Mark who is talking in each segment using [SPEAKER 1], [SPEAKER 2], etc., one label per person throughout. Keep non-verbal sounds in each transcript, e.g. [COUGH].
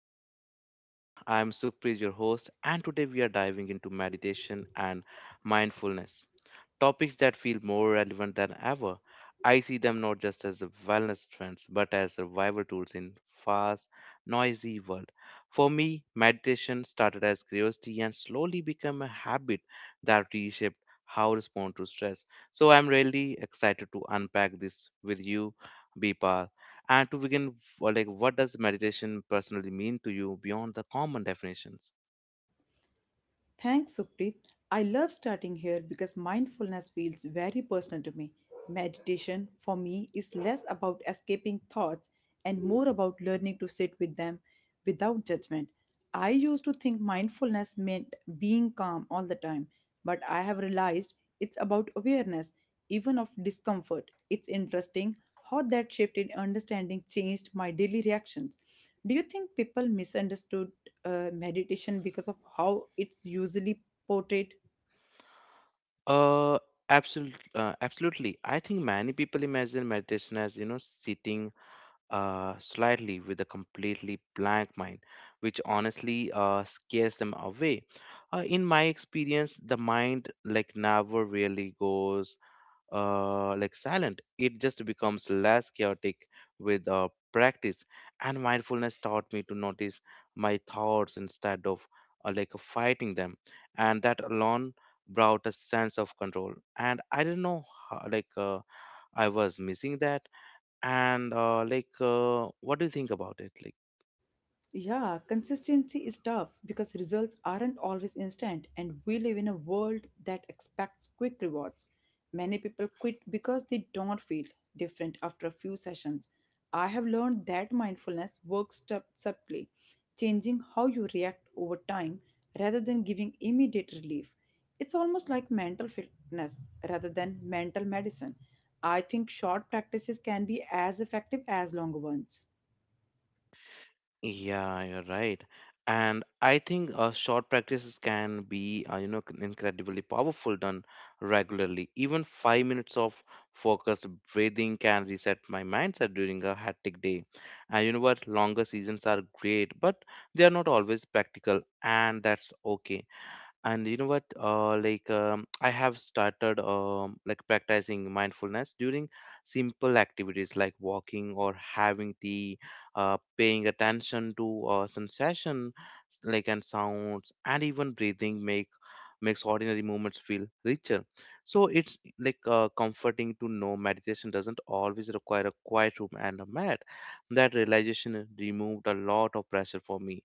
[SPEAKER 1] postcard, everyone. I am Sukhpreet, your host, and today we are diving into meditation and mindfulness topics that feel more relevant than ever. I see them not just as wellness trends, but as survival tools in fast, noisy world. For me, meditation started as curiosity and slowly became a habit that reshaped how I respond to stress. So I'm really excited to unpack this with you, Bipal. And to begin, what does meditation personally mean to you beyond the common definitions?
[SPEAKER 2] Thanks, Supreet. I love starting here because mindfulness feels very personal to me. Meditation, for me, is less about escaping thoughts and more about learning to sit with them without judgment. I used to think mindfulness meant being calm all the time, but I have realized it's about awareness, even of discomfort. It's interesting how that shift in understanding changed my daily reactions. Do you think people misunderstood meditation because of how it's usually portrayed?
[SPEAKER 1] Uh, absolutely, absolutely. I think many people imagine meditation as sitting slightly with a completely blank mind, which honestly scares them away. In my experience, the mind never really goes silent, it just becomes less chaotic with practice, and mindfulness taught me to notice my thoughts instead of fighting them, and that alone brought a sense of control, and I didn't know how, like I was missing that. And like What do you think about it?
[SPEAKER 2] Yeah, consistency is tough because results aren't always instant, and we live in a world that expects quick rewards. Many people quit because they don't feel different after a few sessions. I have learned that mindfulness works subtly, changing how you react over time rather than giving immediate relief. It's almost like mental fitness rather than mental medicine. I think short practices can be as effective as long ones.
[SPEAKER 1] Yeah, you're right. And I think short practices can be, incredibly powerful done regularly. Even 5 minutes of focused breathing can reset my mindset during a hectic day. And you know what? Longer seasons are great, but they are not always practical, and that's okay. and you know what like I have started practicing mindfulness during simple activities like walking or having tea, paying attention to sensation and sounds, and even breathing makes ordinary moments feel richer. So it's comforting to know meditation doesn't always require a quiet room and a mat. That realization removed a lot of pressure for me.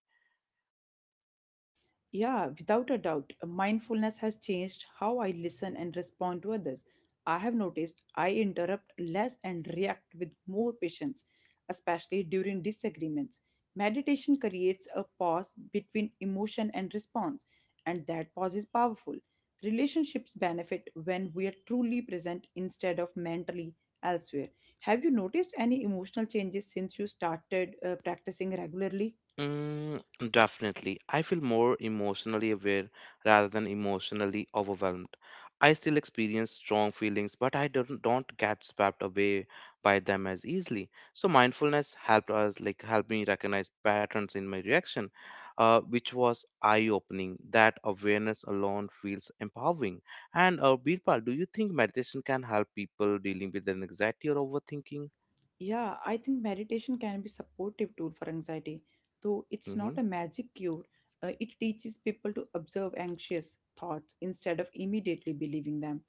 [SPEAKER 2] Yeah, without a doubt, mindfulness has changed how I listen and respond to others. I have noticed I interrupt less and react with more patience, especially during disagreements. Meditation creates a pause between emotion and response, and that pause is powerful. Relationships benefit when we are truly present instead of mentally elsewhere. Have you noticed any emotional changes since you started practicing regularly?
[SPEAKER 1] Mm, definitely. I feel more emotionally aware rather than emotionally overwhelmed. I still experience strong feelings, but I don't get swept away by them as easily. So mindfulness helped us like help me recognize patterns in my reaction, which was eye-opening. That awareness alone feels empowering. And Birpal, do you think meditation can help people dealing with anxiety or overthinking?
[SPEAKER 2] Yeah, I think meditation can be supportive tool for anxiety, though it's
[SPEAKER 1] Mm-hmm.
[SPEAKER 2] not a magic cure. It teaches people to observe anxious thoughts instead of immediately believing them.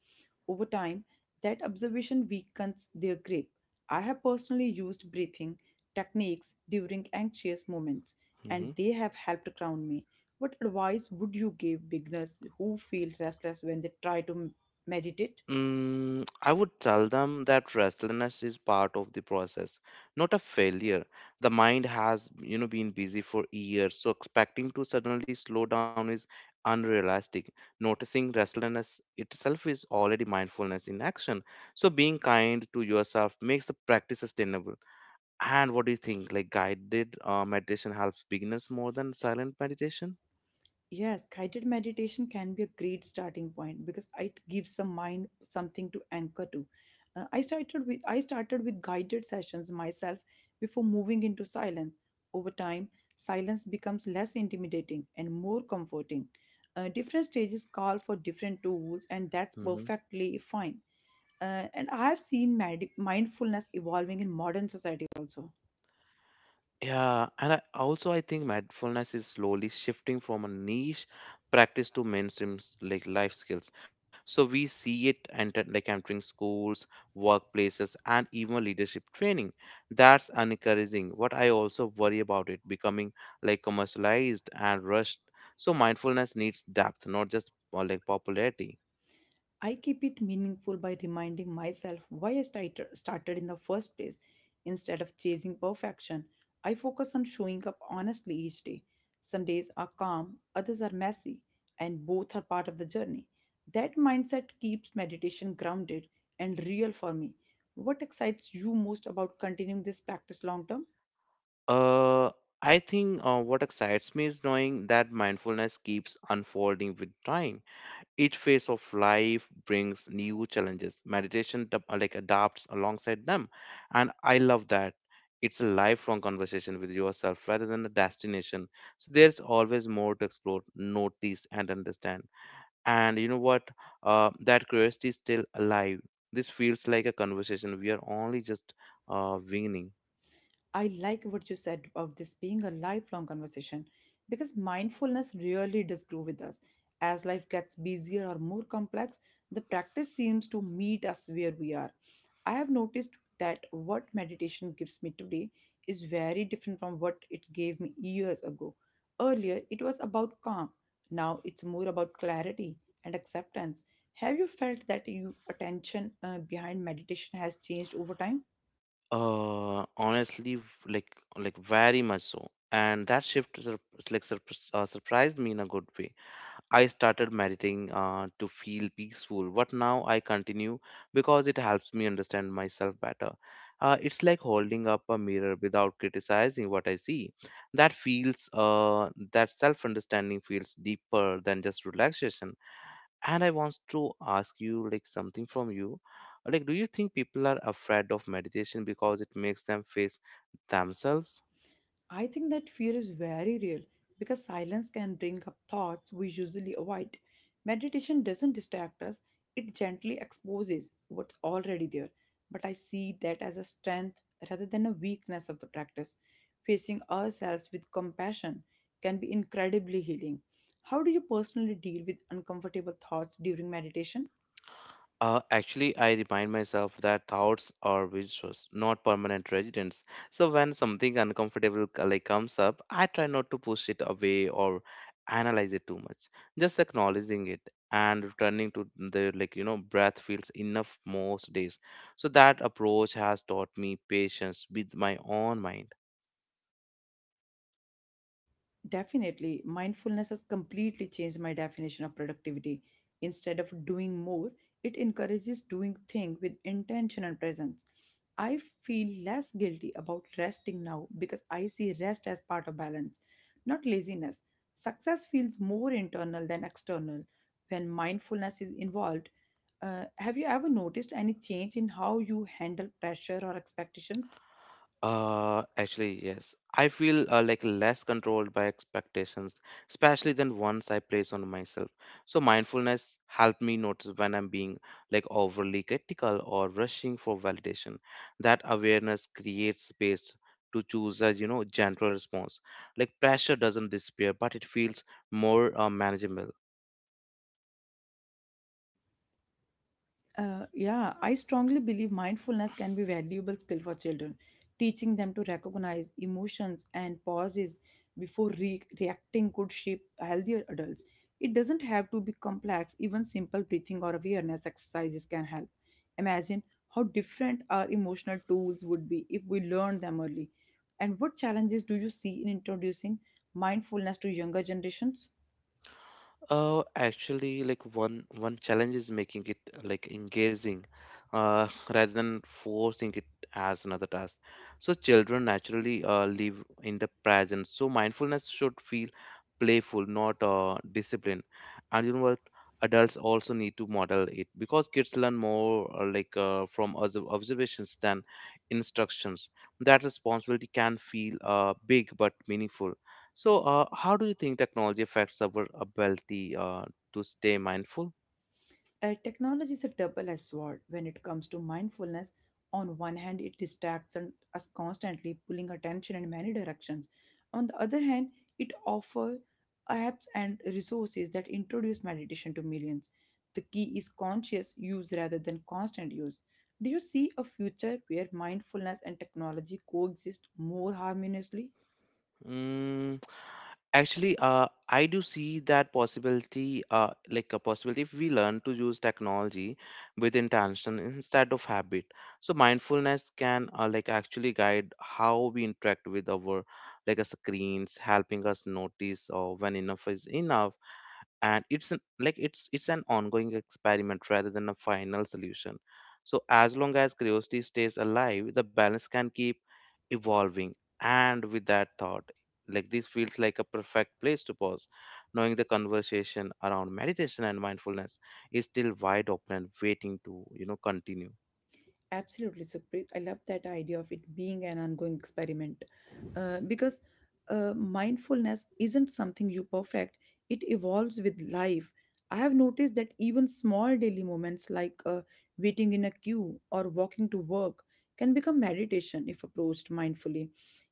[SPEAKER 2] Over time, that observation weakens their grip. I have personally used breathing techniques during anxious moments, and they have helped ground me. What advice would you give beginners who feel restless when they try to meditate?
[SPEAKER 1] Mm, I would tell them that restlessness is part of the process, not a failure. The mind has, you know, been busy for years, so expecting to suddenly slow down is unrealistic. Noticing restlessness itself is already mindfulness in action. So being kind to yourself makes the practice sustainable. And what do you think? Like, guided meditation helps beginners more than silent meditation?
[SPEAKER 2] Yes, guided meditation can be a great starting point because it gives the mind something to anchor to. I started with guided sessions myself before moving into silence. Over time, silence becomes less intimidating and more comforting. Different stages call for different tools, and that's
[SPEAKER 1] Mm-hmm.
[SPEAKER 2] perfectly fine. And I have seen medi mindfulness evolving in modern society also.
[SPEAKER 1] Yeah, and I think mindfulness is slowly shifting from a niche practice to mainstream life skills. So we see it entering schools, workplaces, and even leadership training. That's encouraging. What I also worry about it becoming commercialized and rushed. So mindfulness needs depth, not just popularity.
[SPEAKER 2] I keep it meaningful by reminding myself why I started in the first place. Instead of chasing perfection, I focus on showing up honestly each day. Some days are calm, others are messy, and both are part of the journey. That mindset keeps meditation grounded and real for me. What excites you most about continuing this practice long term?
[SPEAKER 1] Uh, I think what excites me is knowing that mindfulness keeps unfolding with time. Each phase of life brings new challenges. Meditation adapts alongside them, and I love that. It's a lifelong conversation with yourself rather than a destination. So there's always more to explore, notice, and understand. And you know what? That curiosity is still alive. This feels like a conversation we are only just beginning.
[SPEAKER 2] I like what you said about this being a lifelong conversation because mindfulness really does grow with us. As life gets busier or more complex, the practice seems to meet us where we are. I have noticed that what meditation gives me today is very different from what it gave me years ago. Earlier, it was about calm. Now, it's more about clarity and acceptance. Have you felt that your attention behind meditation has changed over time?
[SPEAKER 1] Honestly, like very much so. And that shift surprised me in a good way. I started meditating to feel peaceful, but now I continue because it helps me understand myself better. It's like holding up a mirror without criticizing what I see. That self understanding feels deeper than just relaxation. And I want to ask you, like, something from you. Like, do you think people are afraid of meditation because it makes them face themselves?
[SPEAKER 2] I think that fear is very real because silence can bring up thoughts we usually avoid. Meditation doesn't distract us, it gently exposes what's already there. But I see that as a strength rather than a weakness of the practice. Facing ourselves with compassion can be incredibly healing. How do you personally deal with uncomfortable thoughts during meditation?
[SPEAKER 1] Actually, I remind myself that thoughts are visitors, not permanent residents. So when something uncomfortable comes up, I try not to push it away or analyze it too much. Just acknowledging it and returning to the breath feels enough most days. So that approach has taught me patience with my own mind.
[SPEAKER 2] Definitely, mindfulness has completely changed my definition of productivity. Instead of doing more, it encourages doing things with intention and presence. I feel less guilty about resting now because I see rest as part of balance, not laziness. Success feels more internal than external when mindfulness is involved. Have you ever noticed any change in how you handle pressure or expectations?
[SPEAKER 1] Actually, yes. I feel less controlled by expectations, especially than ones I place on myself. So mindfulness helped me notice when I'm being overly critical or rushing for validation. That awareness creates space to choose a general response. Like, pressure doesn't disappear, but it feels more manageable.
[SPEAKER 2] Yeah, I strongly believe mindfulness can be valuable skill for children, teaching them to recognize emotions and pauses before reacting could shape healthier adults. It doesn't have to be complex, even simple breathing or awareness exercises can help. Imagine how different our emotional tools would be if we learned them early. And what challenges do you see in introducing mindfulness to younger generations?
[SPEAKER 1] Actually, like, one challenge is making it engaging, uh, [LAUGHS] rather than forcing it as another task. So children naturally live in the present. So mindfulness should feel playful, not disciplined. And you know what? Adults also need to model it because kids learn more from observations than instructions. That responsibility can feel big but meaningful. So, how do you think technology affects our ability to stay mindful?
[SPEAKER 2] Technology is a double-edged sword when it comes to mindfulness. On one hand, it distracts us constantly, pulling attention in many directions. On the other hand, it offers apps and resources that introduce meditation to millions. The key is conscious use rather than constant use. Do you see a future where mindfulness and technology coexist more harmoniously?
[SPEAKER 1] Mm, actually, I do see that possibility, like a possibility if we learn to use technology with intention instead of habit. So, mindfulness can actually guide how we interact with our screens, helping us notice when enough is enough. And it's an ongoing experiment rather than a final solution. So as long as curiosity stays alive, the balance can keep evolving. And with that thought, this feels like a perfect place to pause, knowing the conversation around meditation and mindfulness is still wide open and waiting to continue.
[SPEAKER 2] Absolutely, Supreet. I love that idea of it being an ongoing experiment because mindfulness isn't something you perfect, it evolves with life. I have noticed that even small daily moments like waiting in a queue or walking to work can become meditation if approached mindfully.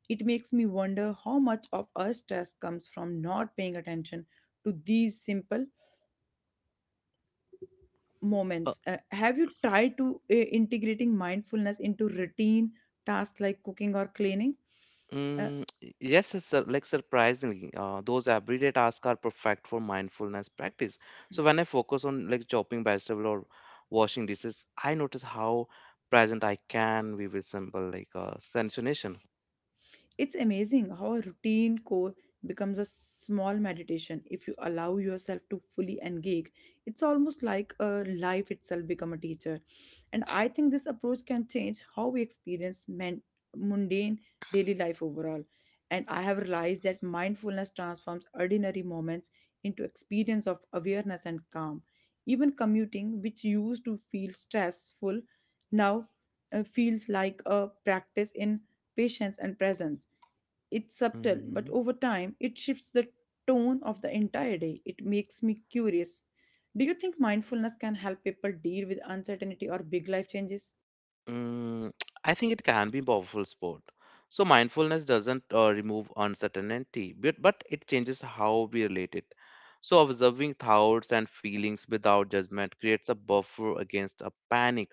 [SPEAKER 2] It makes me wonder how much of our stress comes from not paying attention to these simple moments. Have you tried to integrating mindfulness into routine tasks like cooking or cleaning? Uh,
[SPEAKER 1] Mm, yes, it's surprisingly, those everyday tasks are perfect for mindfulness practice. So when I focus on chopping vegetable or washing dishes, I notice how present I can be with simple sensation.
[SPEAKER 2] It's amazing how a routine core becomes a small meditation if you allow yourself to fully engage. It's almost like life itself become a teacher. And I think this approach can change how we experience mundane daily life overall. And I have realized that mindfulness transforms ordinary moments into experience of awareness and calm. Even commuting, which used to feel stressful, now feels like a practice in patience, and presence. It's subtle, but
[SPEAKER 1] Mm-hmm.
[SPEAKER 2] over time, it shifts the tone of the entire day. It makes me curious. Do you think mindfulness can help people deal with uncertainty or big life changes?
[SPEAKER 1] Mm, [TSK] I think it can be powerful sport. So mindfulness doesn't remove uncertainty, but it changes how we relate it. So observing thoughts and feelings without judgment creates a buffer against a panic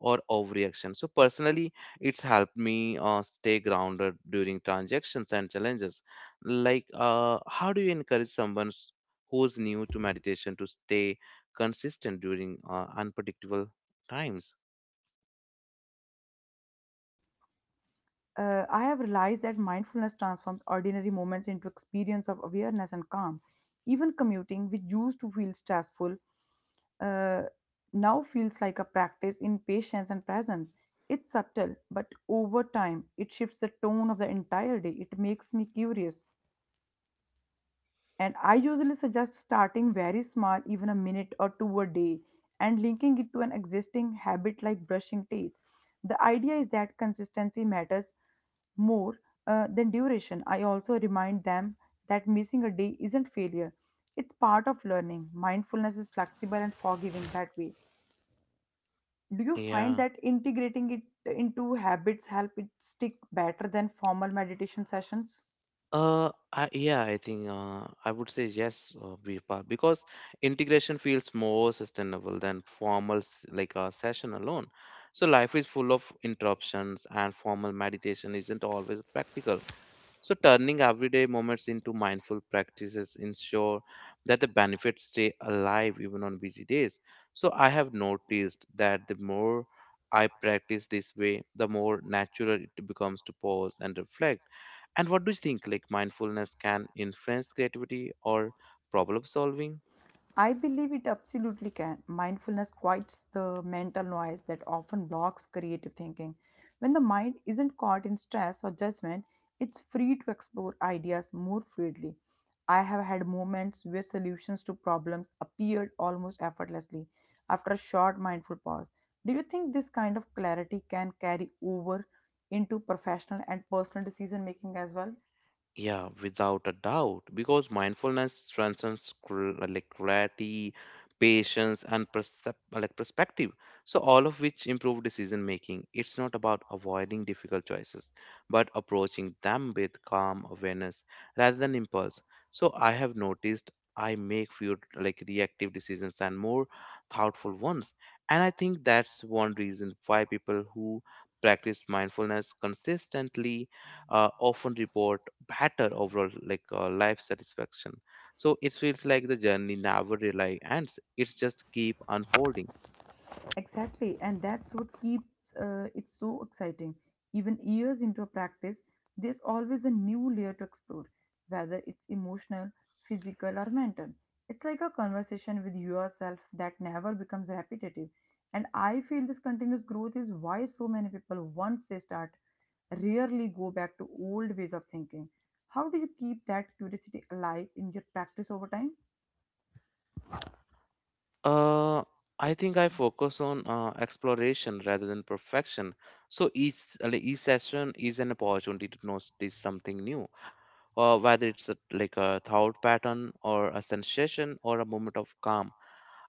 [SPEAKER 1] or overreaction. So personally, it's helped me stay grounded during transactions and challenges. Like, how do you encourage someone who's new to meditation to stay consistent during unpredictable times?
[SPEAKER 2] Yeah, definitely. I have realized that mindfulness transforms ordinary moments into experience of awareness and calm. Even commuting, which used to feel stressful, uh, now feels like a practice in patience and presence. It's subtle, but over time, it shifts the tone of the entire day. It makes me curious. And I usually suggest starting very small, even a minute or two a day, and linking it to an existing habit like brushing teeth. The idea is that consistency matters more than duration. I also remind them that missing a day isn't failure, it's part of learning. Mindfulness is flexible and forgiving that way. Do you find
[SPEAKER 1] Yeah.
[SPEAKER 2] that integrating it into habits help it stick better than formal meditation sessions?
[SPEAKER 1] I think I would say yes, Virpal, because integration feels more sustainable than formal s- like a session alone. So life is full of interruptions, and formal meditation isn't always practical. So turning everyday moments into mindful practices ensure that the benefits stay alive even on busy days. So I have noticed that the more I practice this way, the more natural it becomes to pause and reflect. And what do you think? Like, mindfulness can influence creativity or problem solving?
[SPEAKER 2] I believe it absolutely can. Mindfulness quiets the mental noise that often blocks creative thinking. When the mind isn't caught in stress or judgment, it's free to explore ideas more freely. I have had moments where solutions to problems appeared almost effortlessly after a short mindful pause. Do you think this kind of clarity can carry over into professional and personal decision making as well?
[SPEAKER 1] Yeah, without a doubt, because mindfulness transcends clarity, patience, and perspective. So all of which improve decision making. It's not about avoiding difficult choices, but approaching them with calm awareness rather than impulse. So I have noticed I make fewer reactive decisions and more thoughtful ones, and I think that's one reason why people who practice mindfulness consistently often report better overall life satisfaction. So it feels like the journey never really ends, it's just keep unfolding.
[SPEAKER 2] Exactly, and that's what keeps it so exciting. Even years into a practice, there's always a new layer to explore, whether it's emotional, physical, or mental. It's like a conversation with yourself that never becomes repetitive. And I feel this continuous growth is why so many people, once they start, rarely go back to old ways of thinking. How do you keep that curiosity alive in your practice over time?
[SPEAKER 1] uh I think I focus on exploration rather than perfection. So each session is an opportunity to notice something new, whether it's a thought pattern or a sensation or a moment of calm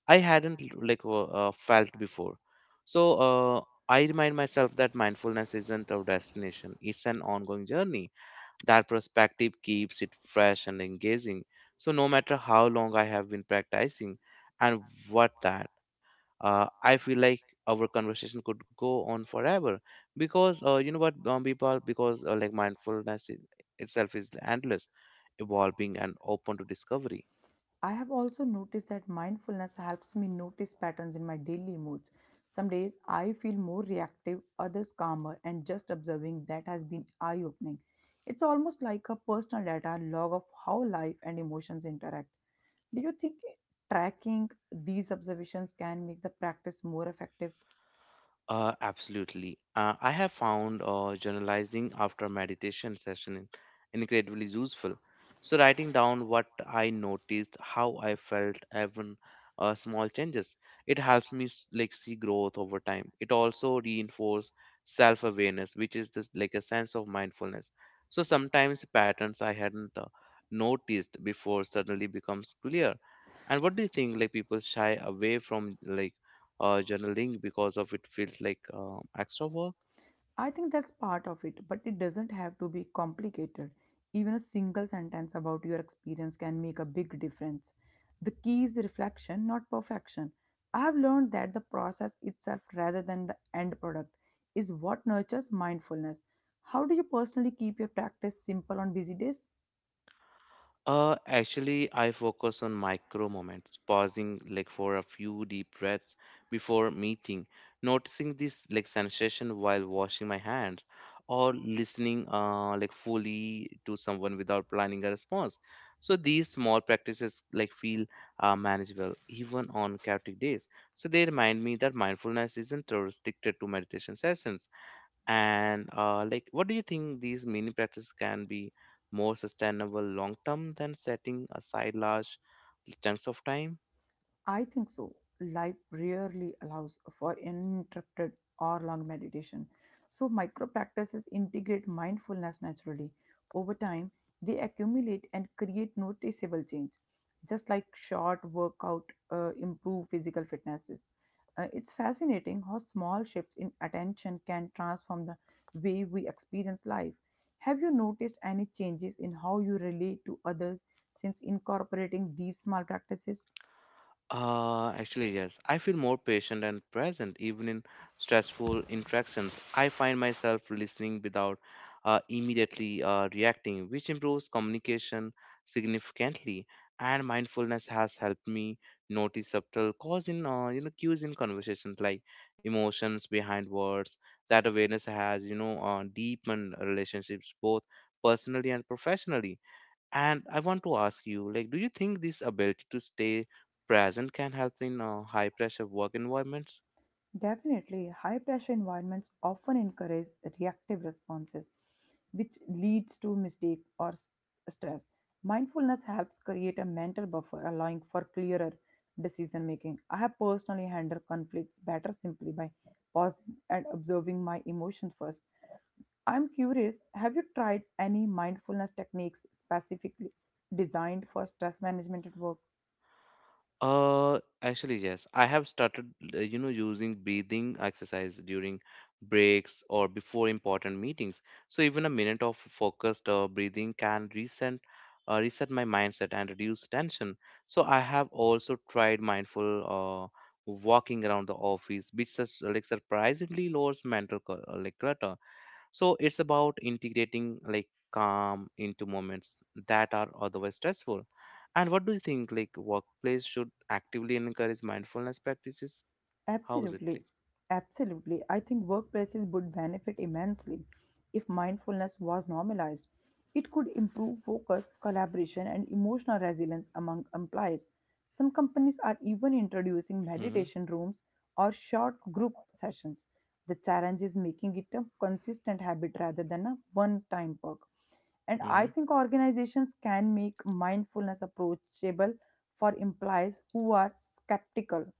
[SPEAKER 1] I hadn't felt before. So I remind myself that mindfulness isn't a destination, it's an ongoing journey. That perspective keeps it fresh and engaging. So, no matter how long I have been practicing. And what that, I feel like our conversation could go on forever because you know what, people, because like mindfulness itself is endless, evolving, and open to discovery.
[SPEAKER 2] I have also noticed that mindfulness helps me notice patterns in my daily moods. Some days I feel more reactive, others calmer, and just observing that has been eye opening. It's almost like a personal data log of how life and emotions interact. Do you think tracking these observations can make the practice more effective?
[SPEAKER 1] Absolutely. I have found journalizing after meditation session incredibly useful. So writing down what I noticed, how I felt, even small changes, it helps me see growth over time. It also reinforces self-awareness, which is just like a sense of mindfulness. So sometimes patterns I hadn't noticed before suddenly becomes clear. And what do you think? Like, people shy away from journaling because of it feels like extra work.
[SPEAKER 2] I think that's part of it, but it doesn't have to be complicated. Even a single sentence about your experience can make a big difference. The key is reflection, not perfection. I've learned that the process itself, rather than the end product, is what nurtures mindfulness. How do you personally keep your practice simple on busy days?
[SPEAKER 1] Actually, I focus on micro moments, pausing for a few deep breaths before meeting, noticing this sensation while washing my hands, or listening fully to someone without planning a response. So these small practices feel manageable even on chaotic days. So they remind me that mindfulness isn't restricted to meditation sessions. And what do you think? These mini practices can be more sustainable long term than setting aside large chunks of time?
[SPEAKER 2] I think so. Life rarely allows for uninterrupted or long meditation. So, micro practices integrate mindfulness naturally. Over time, they accumulate and create noticeable change. Just like short workout improve physical fitnesses. It's fascinating how small shifts in attention can transform the way we experience life. Have you noticed any changes in how you relate to others since incorporating these small practices?
[SPEAKER 1] Actually, yes. I feel more patient and present even in stressful interactions. I find myself listening without immediately reacting, which improves communication significantly. And mindfulness has helped me notice subtle cause in you know cues in conversations, like emotions behind words. That awareness has deepened relationships both personally and professionally, and I want to ask you, like, do you think this ability to stay present can help in high pressure work environments?
[SPEAKER 2] Definitely, high pressure environments often encourage reactive responses, which leads to mistakes or stress. Mindfulness helps create a mental buffer, allowing for clearer decision making. I have personally handled conflicts better simply by pausing and observing my emotions first. I'm curious, have you tried any mindfulness techniques specifically designed for stress management at work?
[SPEAKER 1] Actually, yes. I have started, using breathing exercise during breaks or before important meetings. So even a minute of focused breathing can reset my mindset and reduce tension. So I have also tried mindful walking around the office, which surprisingly lowers mental clutter. So it's about integrating like calm into moments that are otherwise stressful. And what do you think? Like, workplace should actively encourage mindfulness practices. How is it?
[SPEAKER 2] Absolutely. Absolutely. I think workplaces would benefit immensely if mindfulness was normalized. It could improve focus, collaboration, and emotional resilience among employees. Some companies are even introducing
[SPEAKER 1] Like? Mm-hmm,
[SPEAKER 2] meditation rooms or short group sessions. The challenge is making it a consistent habit rather than a one time perk. And I
[SPEAKER 1] mm-hmm.
[SPEAKER 2] think organizations can make mindfulness approachable for employees who are skeptical.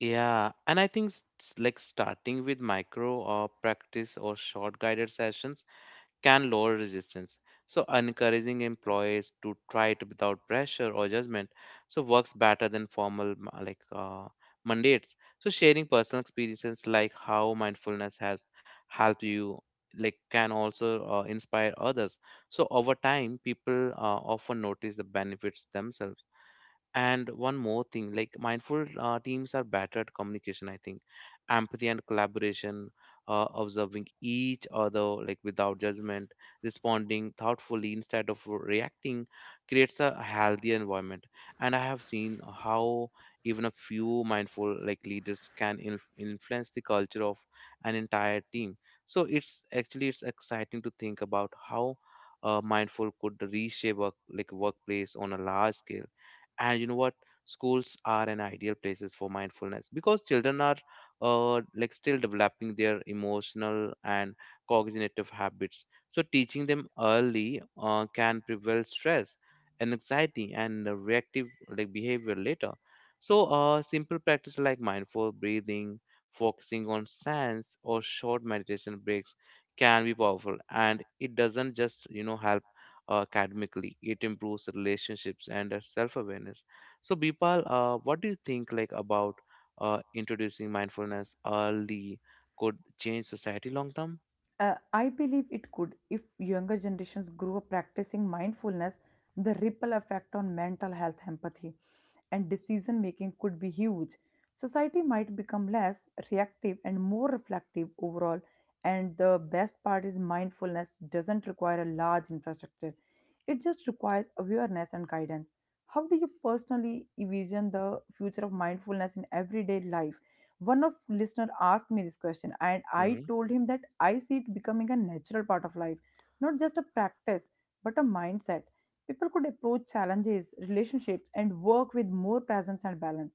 [SPEAKER 1] Yeah, and I think like starting with micro or practice or short guided sessions can lower resistance. So, encouraging employees to try it without pressure or judgment so works better than formal mandates. So, sharing personal experiences like how mindfulness has helped you like can also inspire others. So, over time, people often notice the benefits themselves. And one more thing, like mindful teams are better at communication, I think. Empathy and collaboration, observing each other like without judgment, responding thoughtfully instead of reacting, creates a healthier environment. And I have seen how even a few mindful like leaders can influence the culture of an entire team. So it's exciting to think about how mindful could reshape work like workplace on a large scale. And you know what, schools are an ideal places for mindfulness, because children are like still developing their emotional and cognitive habits, so teaching them early can prevent stress and anxiety and reactive like behavior later. So simple practice like mindful breathing, focusing on sense, or short meditation breaks can be powerful, and it doesn't just, you know, help academically. It improves relationships and self-awareness. So Bipal, what do you think, like, about introducing mindfulness early? Could change society long term.
[SPEAKER 2] I believe it could if younger generations grew up practicing mindfulness, the ripple effect on mental health, empathy, and decision making could be huge. Society might become less reactive and more reflective overall. And the best part is, mindfulness doesn't require a large infrastructure, it just requires awareness and guidance. How do you personally envision the future of mindfulness in everyday life? One of listener asked me this question, and I
[SPEAKER 1] Hmm.
[SPEAKER 2] told him that I see it becoming a natural part of life, not just a practice, but a mindset. People could approach challenges, relationships, and work with more presence and balance.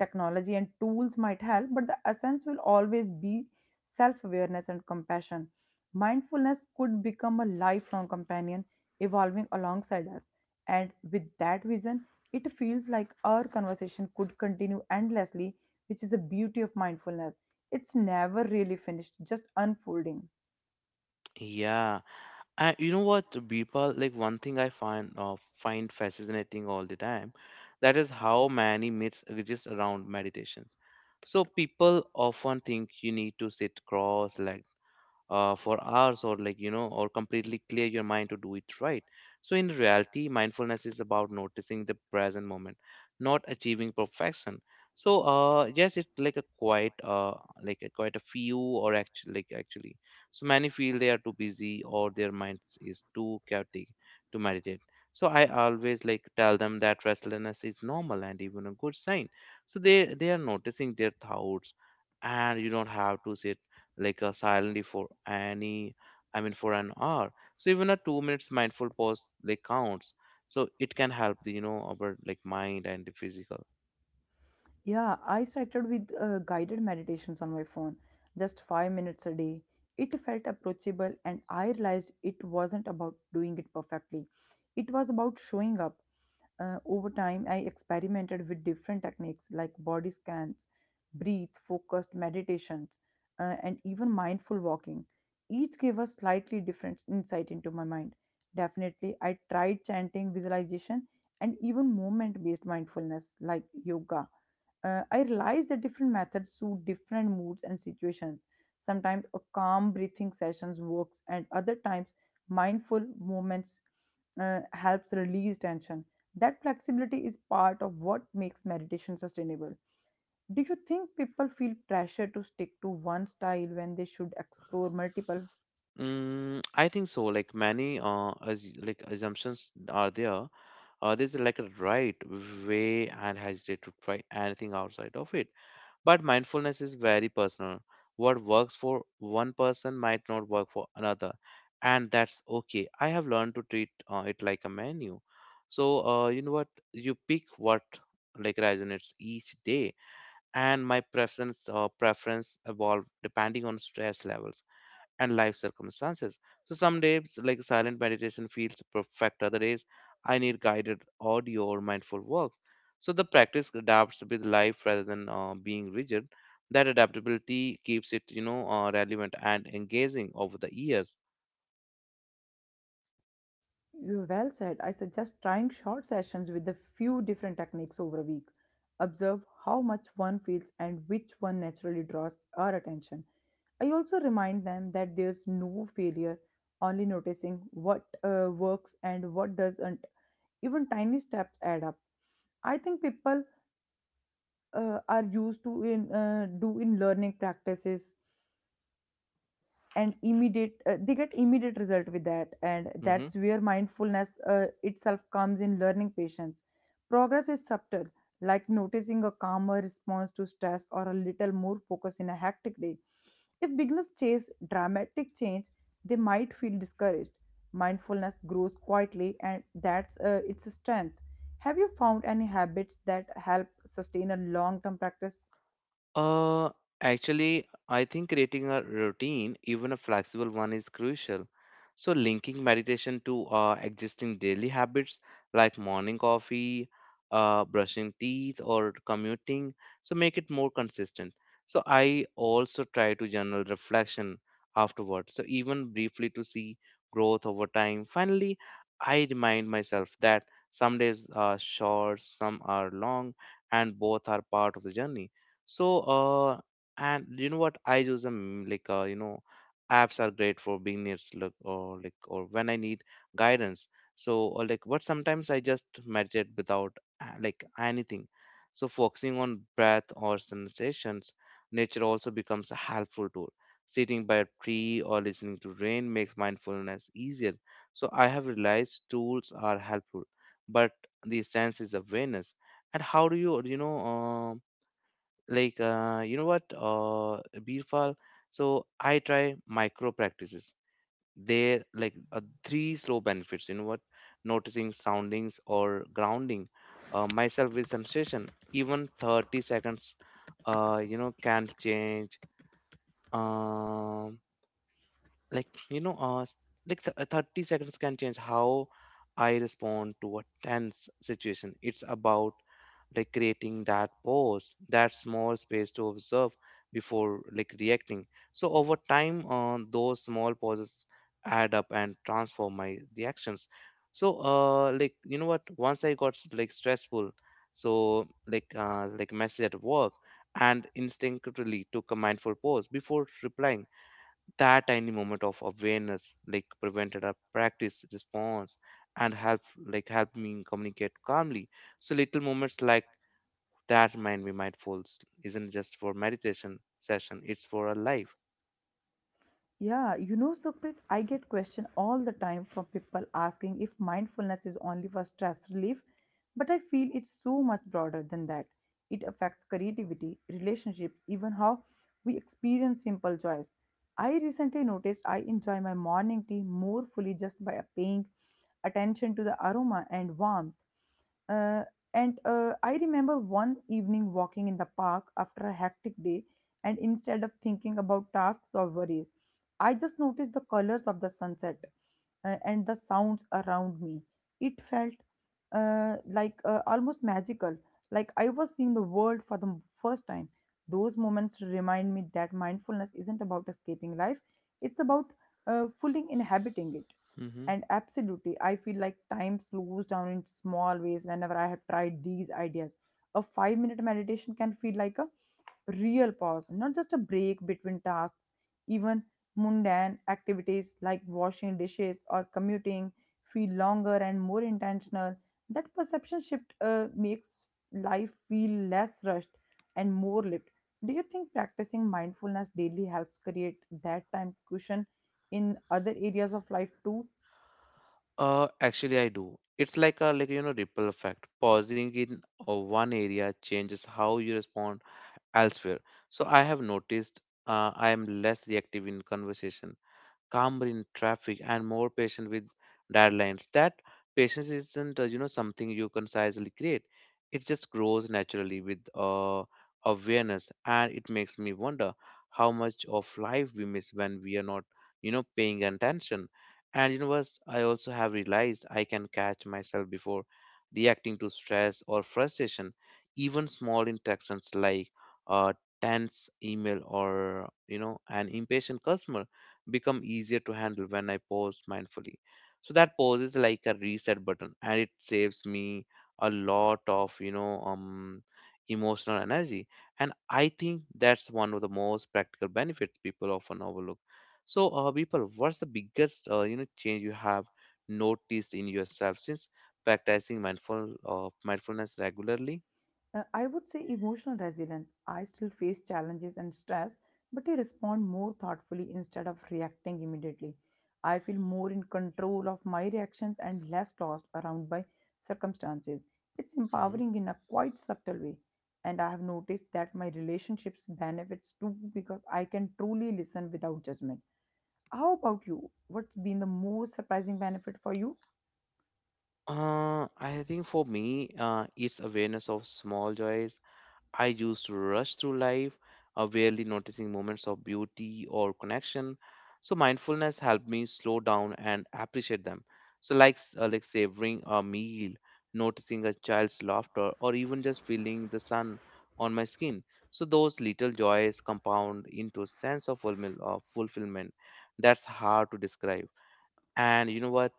[SPEAKER 2] Technology and tools might help, but the essence will always be self awareness and compassion. Mindfulness could become a lifelong companion evolving alongside us. And with that vision, it feels like our conversation could continue endlessly which is the beauty of mindfulness. It's never really finished, just unfolding.
[SPEAKER 1] Yeah, and you know what, Bipal, like one thing I find fascinating all the time, that is how many myths exist around meditations. So people often think you need to sit cross-legged for hours, or like, you know, or completely clear your mind to do it right. So in reality, mindfulness is about noticing the present moment, not achieving perfection. So yes, it's like a quite a few, or actually so many feel they are too busy or their mind is too chaotic to meditate. So I always like tell them that restlessness is normal and even a good sign. So they are noticing their thoughts. And you don't have to sit like silently for any I mean for an hour. So even a 2 minutes mindful pause like counts. So it can help the, you know, our like mind and the physical.
[SPEAKER 2] Yeah, I started with guided meditations on my phone, just 5 minutes a day. It felt approachable, and I realized it wasn't about doing it perfectly. It was about showing up. Over time, I experimented with different techniques like body scans, breathe, focused meditations, and even mindful walking. Each gave a slightly different insight into my mind. Definitely, I tried chanting, visualization, and even movement based mindfulness like yoga. I realized that different methods suit different moods and situations. Sometimes a calm breathing sessions works, and other times mindful moments helps release tension. That flexibility is part of what makes meditation sustainable. Do you think people feel pressure to stick to one style when they should explore multiple?
[SPEAKER 1] Mm, I think so, like many as like assumptions are there. There's like a right way, and hesitate to try anything outside of it. But mindfulness is very personal. What works for one person might not work for another, and that's okay. I have learned to treat it like a menu. So, you know what? You pick what like resonates each day, and my preference evolve depending on stress levels and life circumstances. So some days, like silent meditation feels perfect. Other days, I need guided audio or mindful works. So the practice adapts with life rather than being rigid. That adaptability keeps it, you know, relevant and engaging over the years.
[SPEAKER 2] You well said. I suggest trying short sessions with a few different techniques over a week. Observe how much one feels and which one naturally draws our attention. I also remind them that there's no failure, only noticing what works and what doesn't. Even tiny steps add up. I think people are used to in learning practices and immediate they get immediate result with that, and
[SPEAKER 1] Mm-hmm.
[SPEAKER 2] that's where mindfulness itself comes in learning patience. Progress is subtle, like noticing a calmer response to stress or a little more focus in a hectic day. If beginners chase dramatic change, they might feel discouraged. Mindfulness grows quietly, and that's its strength. Have you found any habits that help sustain a long term practice?
[SPEAKER 1] Uh, Actually, I think creating a routine, even a flexible one, is crucial. So, linking meditation to existing daily habits like morning coffee, brushing teeth, or commuting, so make it more consistent. So, I also try to journal reflection afterwards, so even briefly to see growth over time. Finally, I remind myself that some days are short, some are long, and both are part of the journey. So, and you know what? I use them like, apps are great for beginners, look, or like, or when I need guidance. So, or like, what sometimes I just meditate without like anything. So, focusing on breath or sensations, nature also becomes a helpful tool. Sitting by a tree or listening to rain makes mindfulness easier. So, I have realized tools are helpful, but the sense is awareness. And how do you, you know, like you know what Birfal, so I try micro practices there like three slow benefits, you know what, noticing soundings or grounding myself with sensation, even 30 seconds you know can change um like you know s- like s- 30 seconds can change how I respond to a tense situation. It's about like creating that pause, that small space to observe before like reacting. So over time, those small pauses add up and transform my reactions. So like you know what? Once I got like stressful, so like message at work, and instinctively took a mindful pause before replying. That tiny moment of awareness like prevented a practice response and help me communicate calmly. So little moments like that mindfuls isn't just for meditation session, it's for a life.
[SPEAKER 2] Yeah, you know, Sukrit, I get question all the time from people asking if mindfulness is only for stress relief, but I feel it's so much broader than that. It affects creativity, relationships, even how we experience simple joys. I recently noticed I enjoy my morning tea more fully just by paying attention to the aroma and warmth. Uh, and I remember one evening walking in the park after a hectic day, and instead of thinking about tasks or worries, I just noticed the colors of the sunset and the sounds around me. It felt almost magical, like I was seeing the world for the first time. Those moments remind me that mindfulness isn't about escaping life, it's about fully inhabiting it.
[SPEAKER 1] Hmm.
[SPEAKER 2] And absolutely, I feel like time slows down in small ways whenever I have tried these ideas. A 5-minute meditation can feel like a real pause, not just a break between tasks. Even mundane activities like washing dishes or commuting feel longer and more intentional. That perception shift makes life feel less rushed and more lived. Do you think practicing mindfulness daily helps create that time cushion in other areas of life too?
[SPEAKER 1] Actually, I do. It's like a, like, you know, ripple effect. Pausing in one area changes how you respond elsewhere. So I have noticed I am less reactive in conversation, calmer in traffic, and more patient with deadlines. That patience isn't, you know, something you concisely create. It just grows naturally with awareness, and it makes me wonder how much of life we miss when we are not, you know, paying attention. And you know what, I also have realized I can catch myself before reacting to stress or frustration. Even small interactions like a tense email or, you know, an impatient customer become easier to handle when I pause mindfully. So that pause is like a reset button, and it saves me a lot of, you know, emotional energy. And I think that's one of the most practical benefits people often overlook. So, people, what's the biggest, you know, change you have noticed in yourself since practicing mindfulness regularly?
[SPEAKER 2] I would say emotional resilience. I still face challenges and stress, but I respond more thoughtfully instead of reacting immediately. I feel more in control of my reactions and less tossed around by circumstances. It's
[SPEAKER 1] Hmm.
[SPEAKER 2] empowering in a quite subtle way. And I have noticed that my relationships benefits too because I can truly listen without judgment. How about you? What's been the most surprising benefit for you?
[SPEAKER 1] I think for me, it's awareness of small joys. I used to rush through life, barely noticing moments of beauty or connection. So mindfulness helped me slow down and appreciate them. So like like savoring a meal, noticing a child's laughter, or even just feeling the sun on my skin. So those little joys compound into a sense of fulfillment that's hard to describe. And you know what,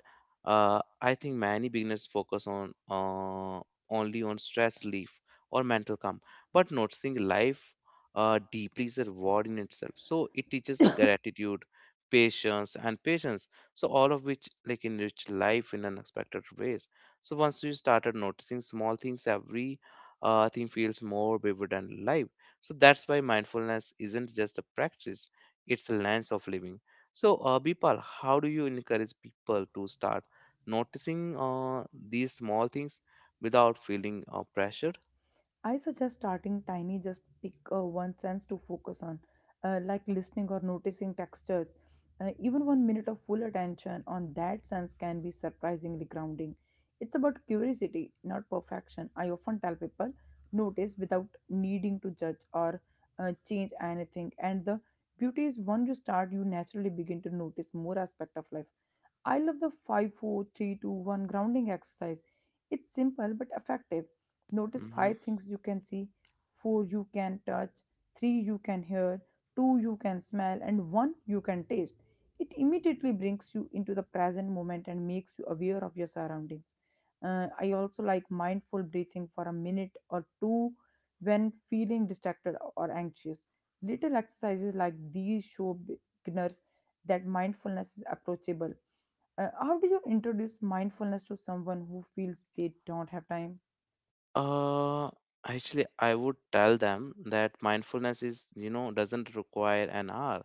[SPEAKER 1] I think many beginners focus on only on stress relief or mental calm. But noticing life deeply is a reward in itself. So it teaches gratitude, patience, so all of which like enrich life in unexpected ways. So once you started noticing small things, every thing feels more vivid and alive. So that's why mindfulness isn't just a practice, it's a lens of living. So, Bipal, how do you encourage people to start noticing these small things without feeling pressured?
[SPEAKER 2] I suggest starting tiny, just pick one sense to focus on, like listening or noticing textures. Even 1 minute of full attention on that sense can be surprisingly grounding. It's about curiosity, not perfection. I often tell people notice without needing to judge or change anything. And the beauty is, once you start, you naturally begin to notice more aspect of life. I love the 5, 4, 3, 2, 1 grounding exercise. It's simple but effective. Notice
[SPEAKER 1] Mhm.
[SPEAKER 2] 5 things you can see, 4 you can touch, 3 you can hear, 2 you can smell, and 1 you can taste. It immediately brings you into the present moment and makes you aware of your surroundings. I also like mindful breathing for a minute or two when feeling distracted or anxious. Little exercises like these show beginners that mindfulness is approachable. How do you introduce mindfulness to someone who feels they don't have time?
[SPEAKER 1] Uh, Actually, I would tell them that mindfulness is, you know, doesn't require an hour.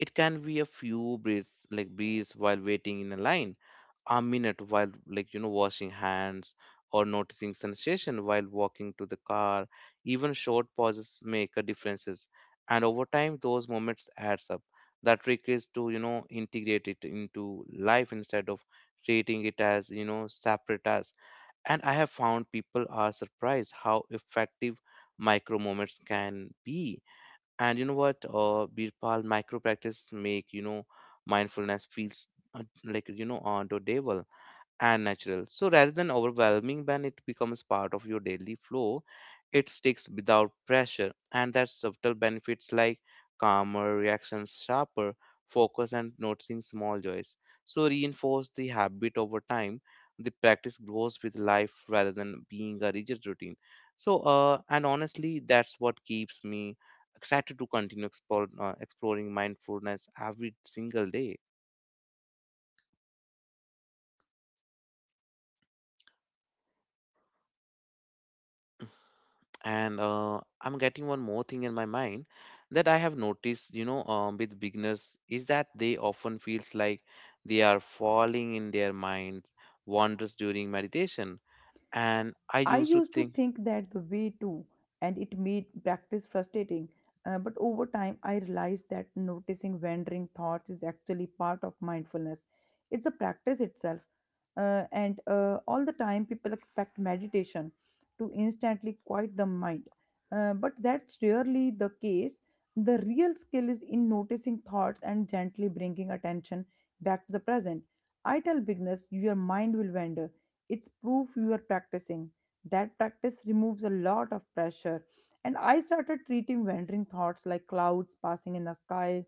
[SPEAKER 1] It can be a few breaths, like breathes while waiting in a line, a minute while, like, you know, washing hands, or noticing sensation while walking to the car. Even short pauses make a differences, and over time those moments adds up. The trick is to, you know, integrate it into life instead of treating it as, you know, separate tasks. And I have found people are surprised how effective micro moments can be. And you know what, Birpal, micro practice make, you know, mindfulness feels, like, you know, on the and natural. So rather than overwhelming, when it becomes part of your daily flow, it sticks without pressure, and that subtle benefits like calmer reactions, sharper focus, and noticing small joys. So reinforce the habit over time. The practice grows with life rather than being a rigid routine. So, and honestly, that's what keeps me excited to continue exploring mindfulness every single day. And I'm getting one more thing in my mind, that I have noticed, you know, with beginners, is that they often feels like they are falling in their minds wanders during meditation, and I
[SPEAKER 2] I
[SPEAKER 1] used to
[SPEAKER 2] used to
[SPEAKER 1] think.
[SPEAKER 2] think that the way too, and it made practice frustrating. But over time, I realized that noticing wandering thoughts is actually part of mindfulness. It's a practice itself. And All the time, people expect meditation to instantly quiet the mind. But that's rarely the case. The real skill is in noticing thoughts and gently bringing attention back to the present. I tell beginners, your mind will wander. It's proof you are practicing. That practice removes a lot of pressure. And I started treating wandering thoughts like clouds passing in the sky.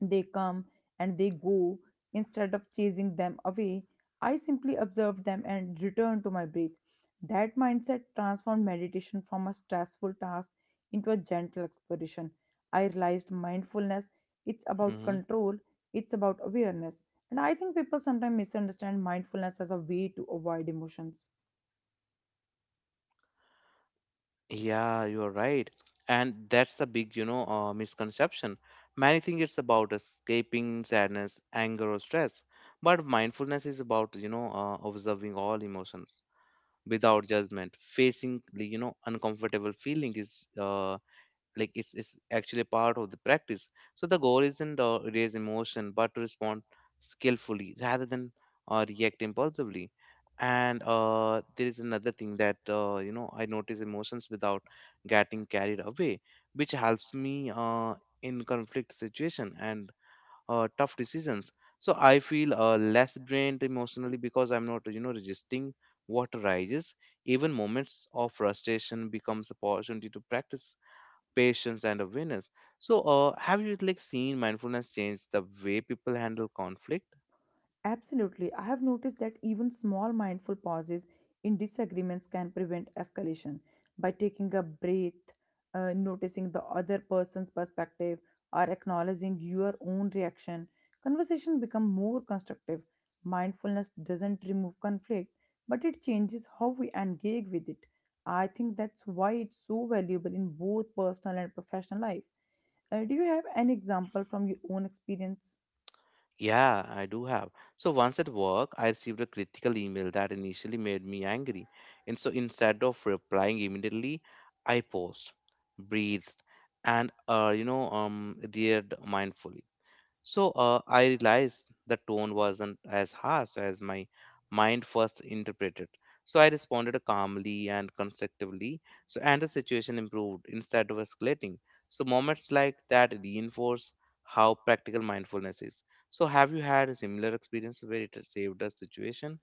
[SPEAKER 2] They come and they go. Instead of chasing them away, I simply observed them and returned to my breath. That mindset transformed meditation from a stressful task into a gentle exploration. I realized mindfulness, it's about
[SPEAKER 1] Hmm.
[SPEAKER 2] control, it's about awareness. And I think people sometimes misunderstand mindfulness as a way to avoid emotions.
[SPEAKER 1] Yeah, you're right. And that's a big, you know, misconception. Many think it's about escaping sadness, anger, or stress. But mindfulness is about, you know, observing all emotions without judgment. Facing the, you know, uncomfortable feeling is, it's actually a part of the practice. So the goal isn't, raise emotion, but to respond skillfully rather than react impulsively. And there is another thing, that, you know, I notice emotions without getting carried away, which helps me in conflict situation and tough decisions. So I feel less drained emotionally, because I'm not, you know, resisting what rises. Even moments of frustration becomes opportunity to practice patience and awareness. So have you like seen mindfulness change the way people handle conflict?
[SPEAKER 2] Absolutely. I have noticed that even small mindful pauses in disagreements can prevent escalation by taking a breath, noticing the other person's perspective, or acknowledging your own reaction. Conversation become more constructive. Mindfulness doesn't remove conflict, but it changes how we engage with it. I think that's why it's so valuable in both personal and professional life. Do you have an example from your own experience?
[SPEAKER 1] Yeah, I do have. So once at work I received a critical email that initially made me angry. And so instead of replying immediately, I paused, breathed, and you know, reared mindfully. So I realized the tone wasn't as harsh as my mind first interpreted. So I responded calmly and constructively. So and the situation improved instead of escalating. So moments like that reinforce how practical mindfulness is. So have you had a similar experience where it saved a situation?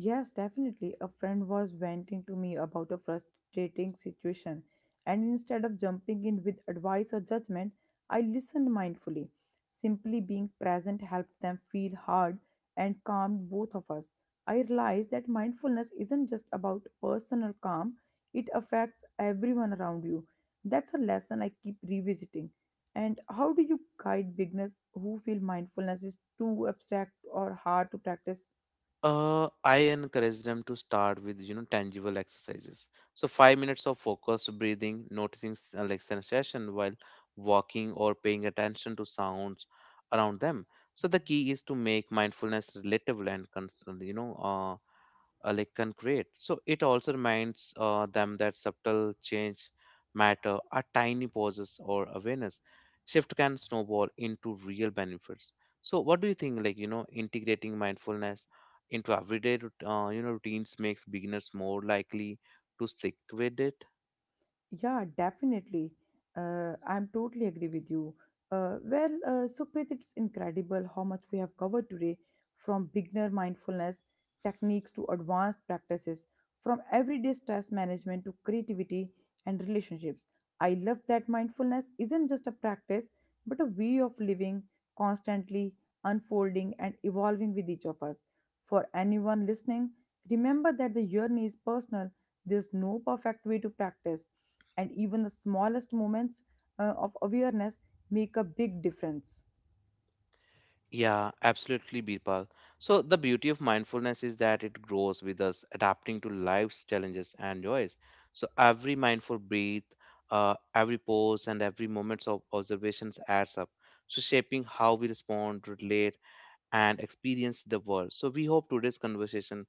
[SPEAKER 2] Yes, definitely. A friend was venting to me about a frustrating situation, and instead of jumping in with advice or judgment, I listened mindfully. Simply being present helped them feel heard and calmed both of us. I realized that mindfulness isn't just about personal calm, it affects everyone around you. That's a lesson I keep revisiting. And how do you guide beginners who feel mindfulness is too abstract or hard to practice?
[SPEAKER 1] I encourage them to start with, you know, tangible exercises. So 5 minutes of focused breathing, noticing like sensation while walking, or paying attention to sounds around them. So the key is to make mindfulness relatable and can create. So it also reminds them that subtle change matter. A tiny pauses or awareness shift can snowball into real benefits. So what do you think? Like, you know, integrating mindfulness into everyday you know routines makes beginners more likely to stick with it.
[SPEAKER 2] Yeah, definitely. I'm totally agree with you. Supreet, it's incredible how much we have covered today, from beginner mindfulness techniques to advanced practices, from everyday stress management to creativity and relationships. I love that mindfulness isn't just a practice, but a way of living, constantly unfolding and evolving with each of us. For anyone listening, remember that the journey is personal. There's no perfect way to practice, and even the smallest moments of awareness make a big difference.
[SPEAKER 1] Yeah, absolutely, Birpal. So, the beauty of mindfulness is that it grows with us, adapting to life's challenges and joys. So, every mindful breath, every pause, and every moment of observations adds up. So, shaping how we respond, relate, and experience the world. So, we hope today's conversation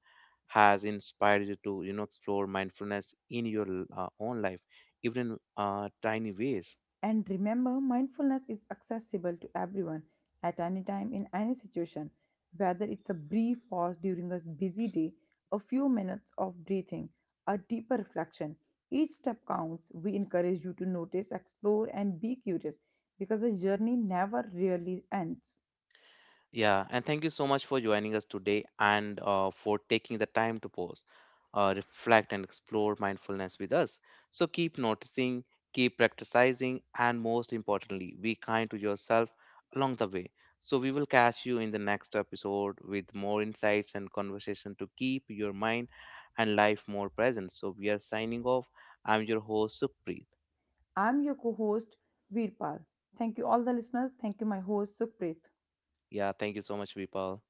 [SPEAKER 1] has inspired you to, you know, explore mindfulness in your own life, even in tiny ways.
[SPEAKER 2] And remember, mindfulness is accessible to everyone at any time in any situation, whether it's a brief pause during a busy day, a few minutes of breathing, a deeper reflection. Each step counts. We encourage you to notice, explore, and be curious because the journey never really ends.
[SPEAKER 1] Yeah, and thank you so much for joining us today, and for taking the time to pause, reflect, and explore mindfulness with us. So keep noticing, keep practicing, and most importantly, be kind to yourself along the way. So we will catch you in the next episode with more insights and conversation to keep your mind and life more present. So we are signing off. I'm your host, Sukhpreet.
[SPEAKER 2] I'm your co host, Veerpal. Thank you, all the listeners. Thank you, my host, Sukhpreet.
[SPEAKER 1] Yeah, thank you so much, people.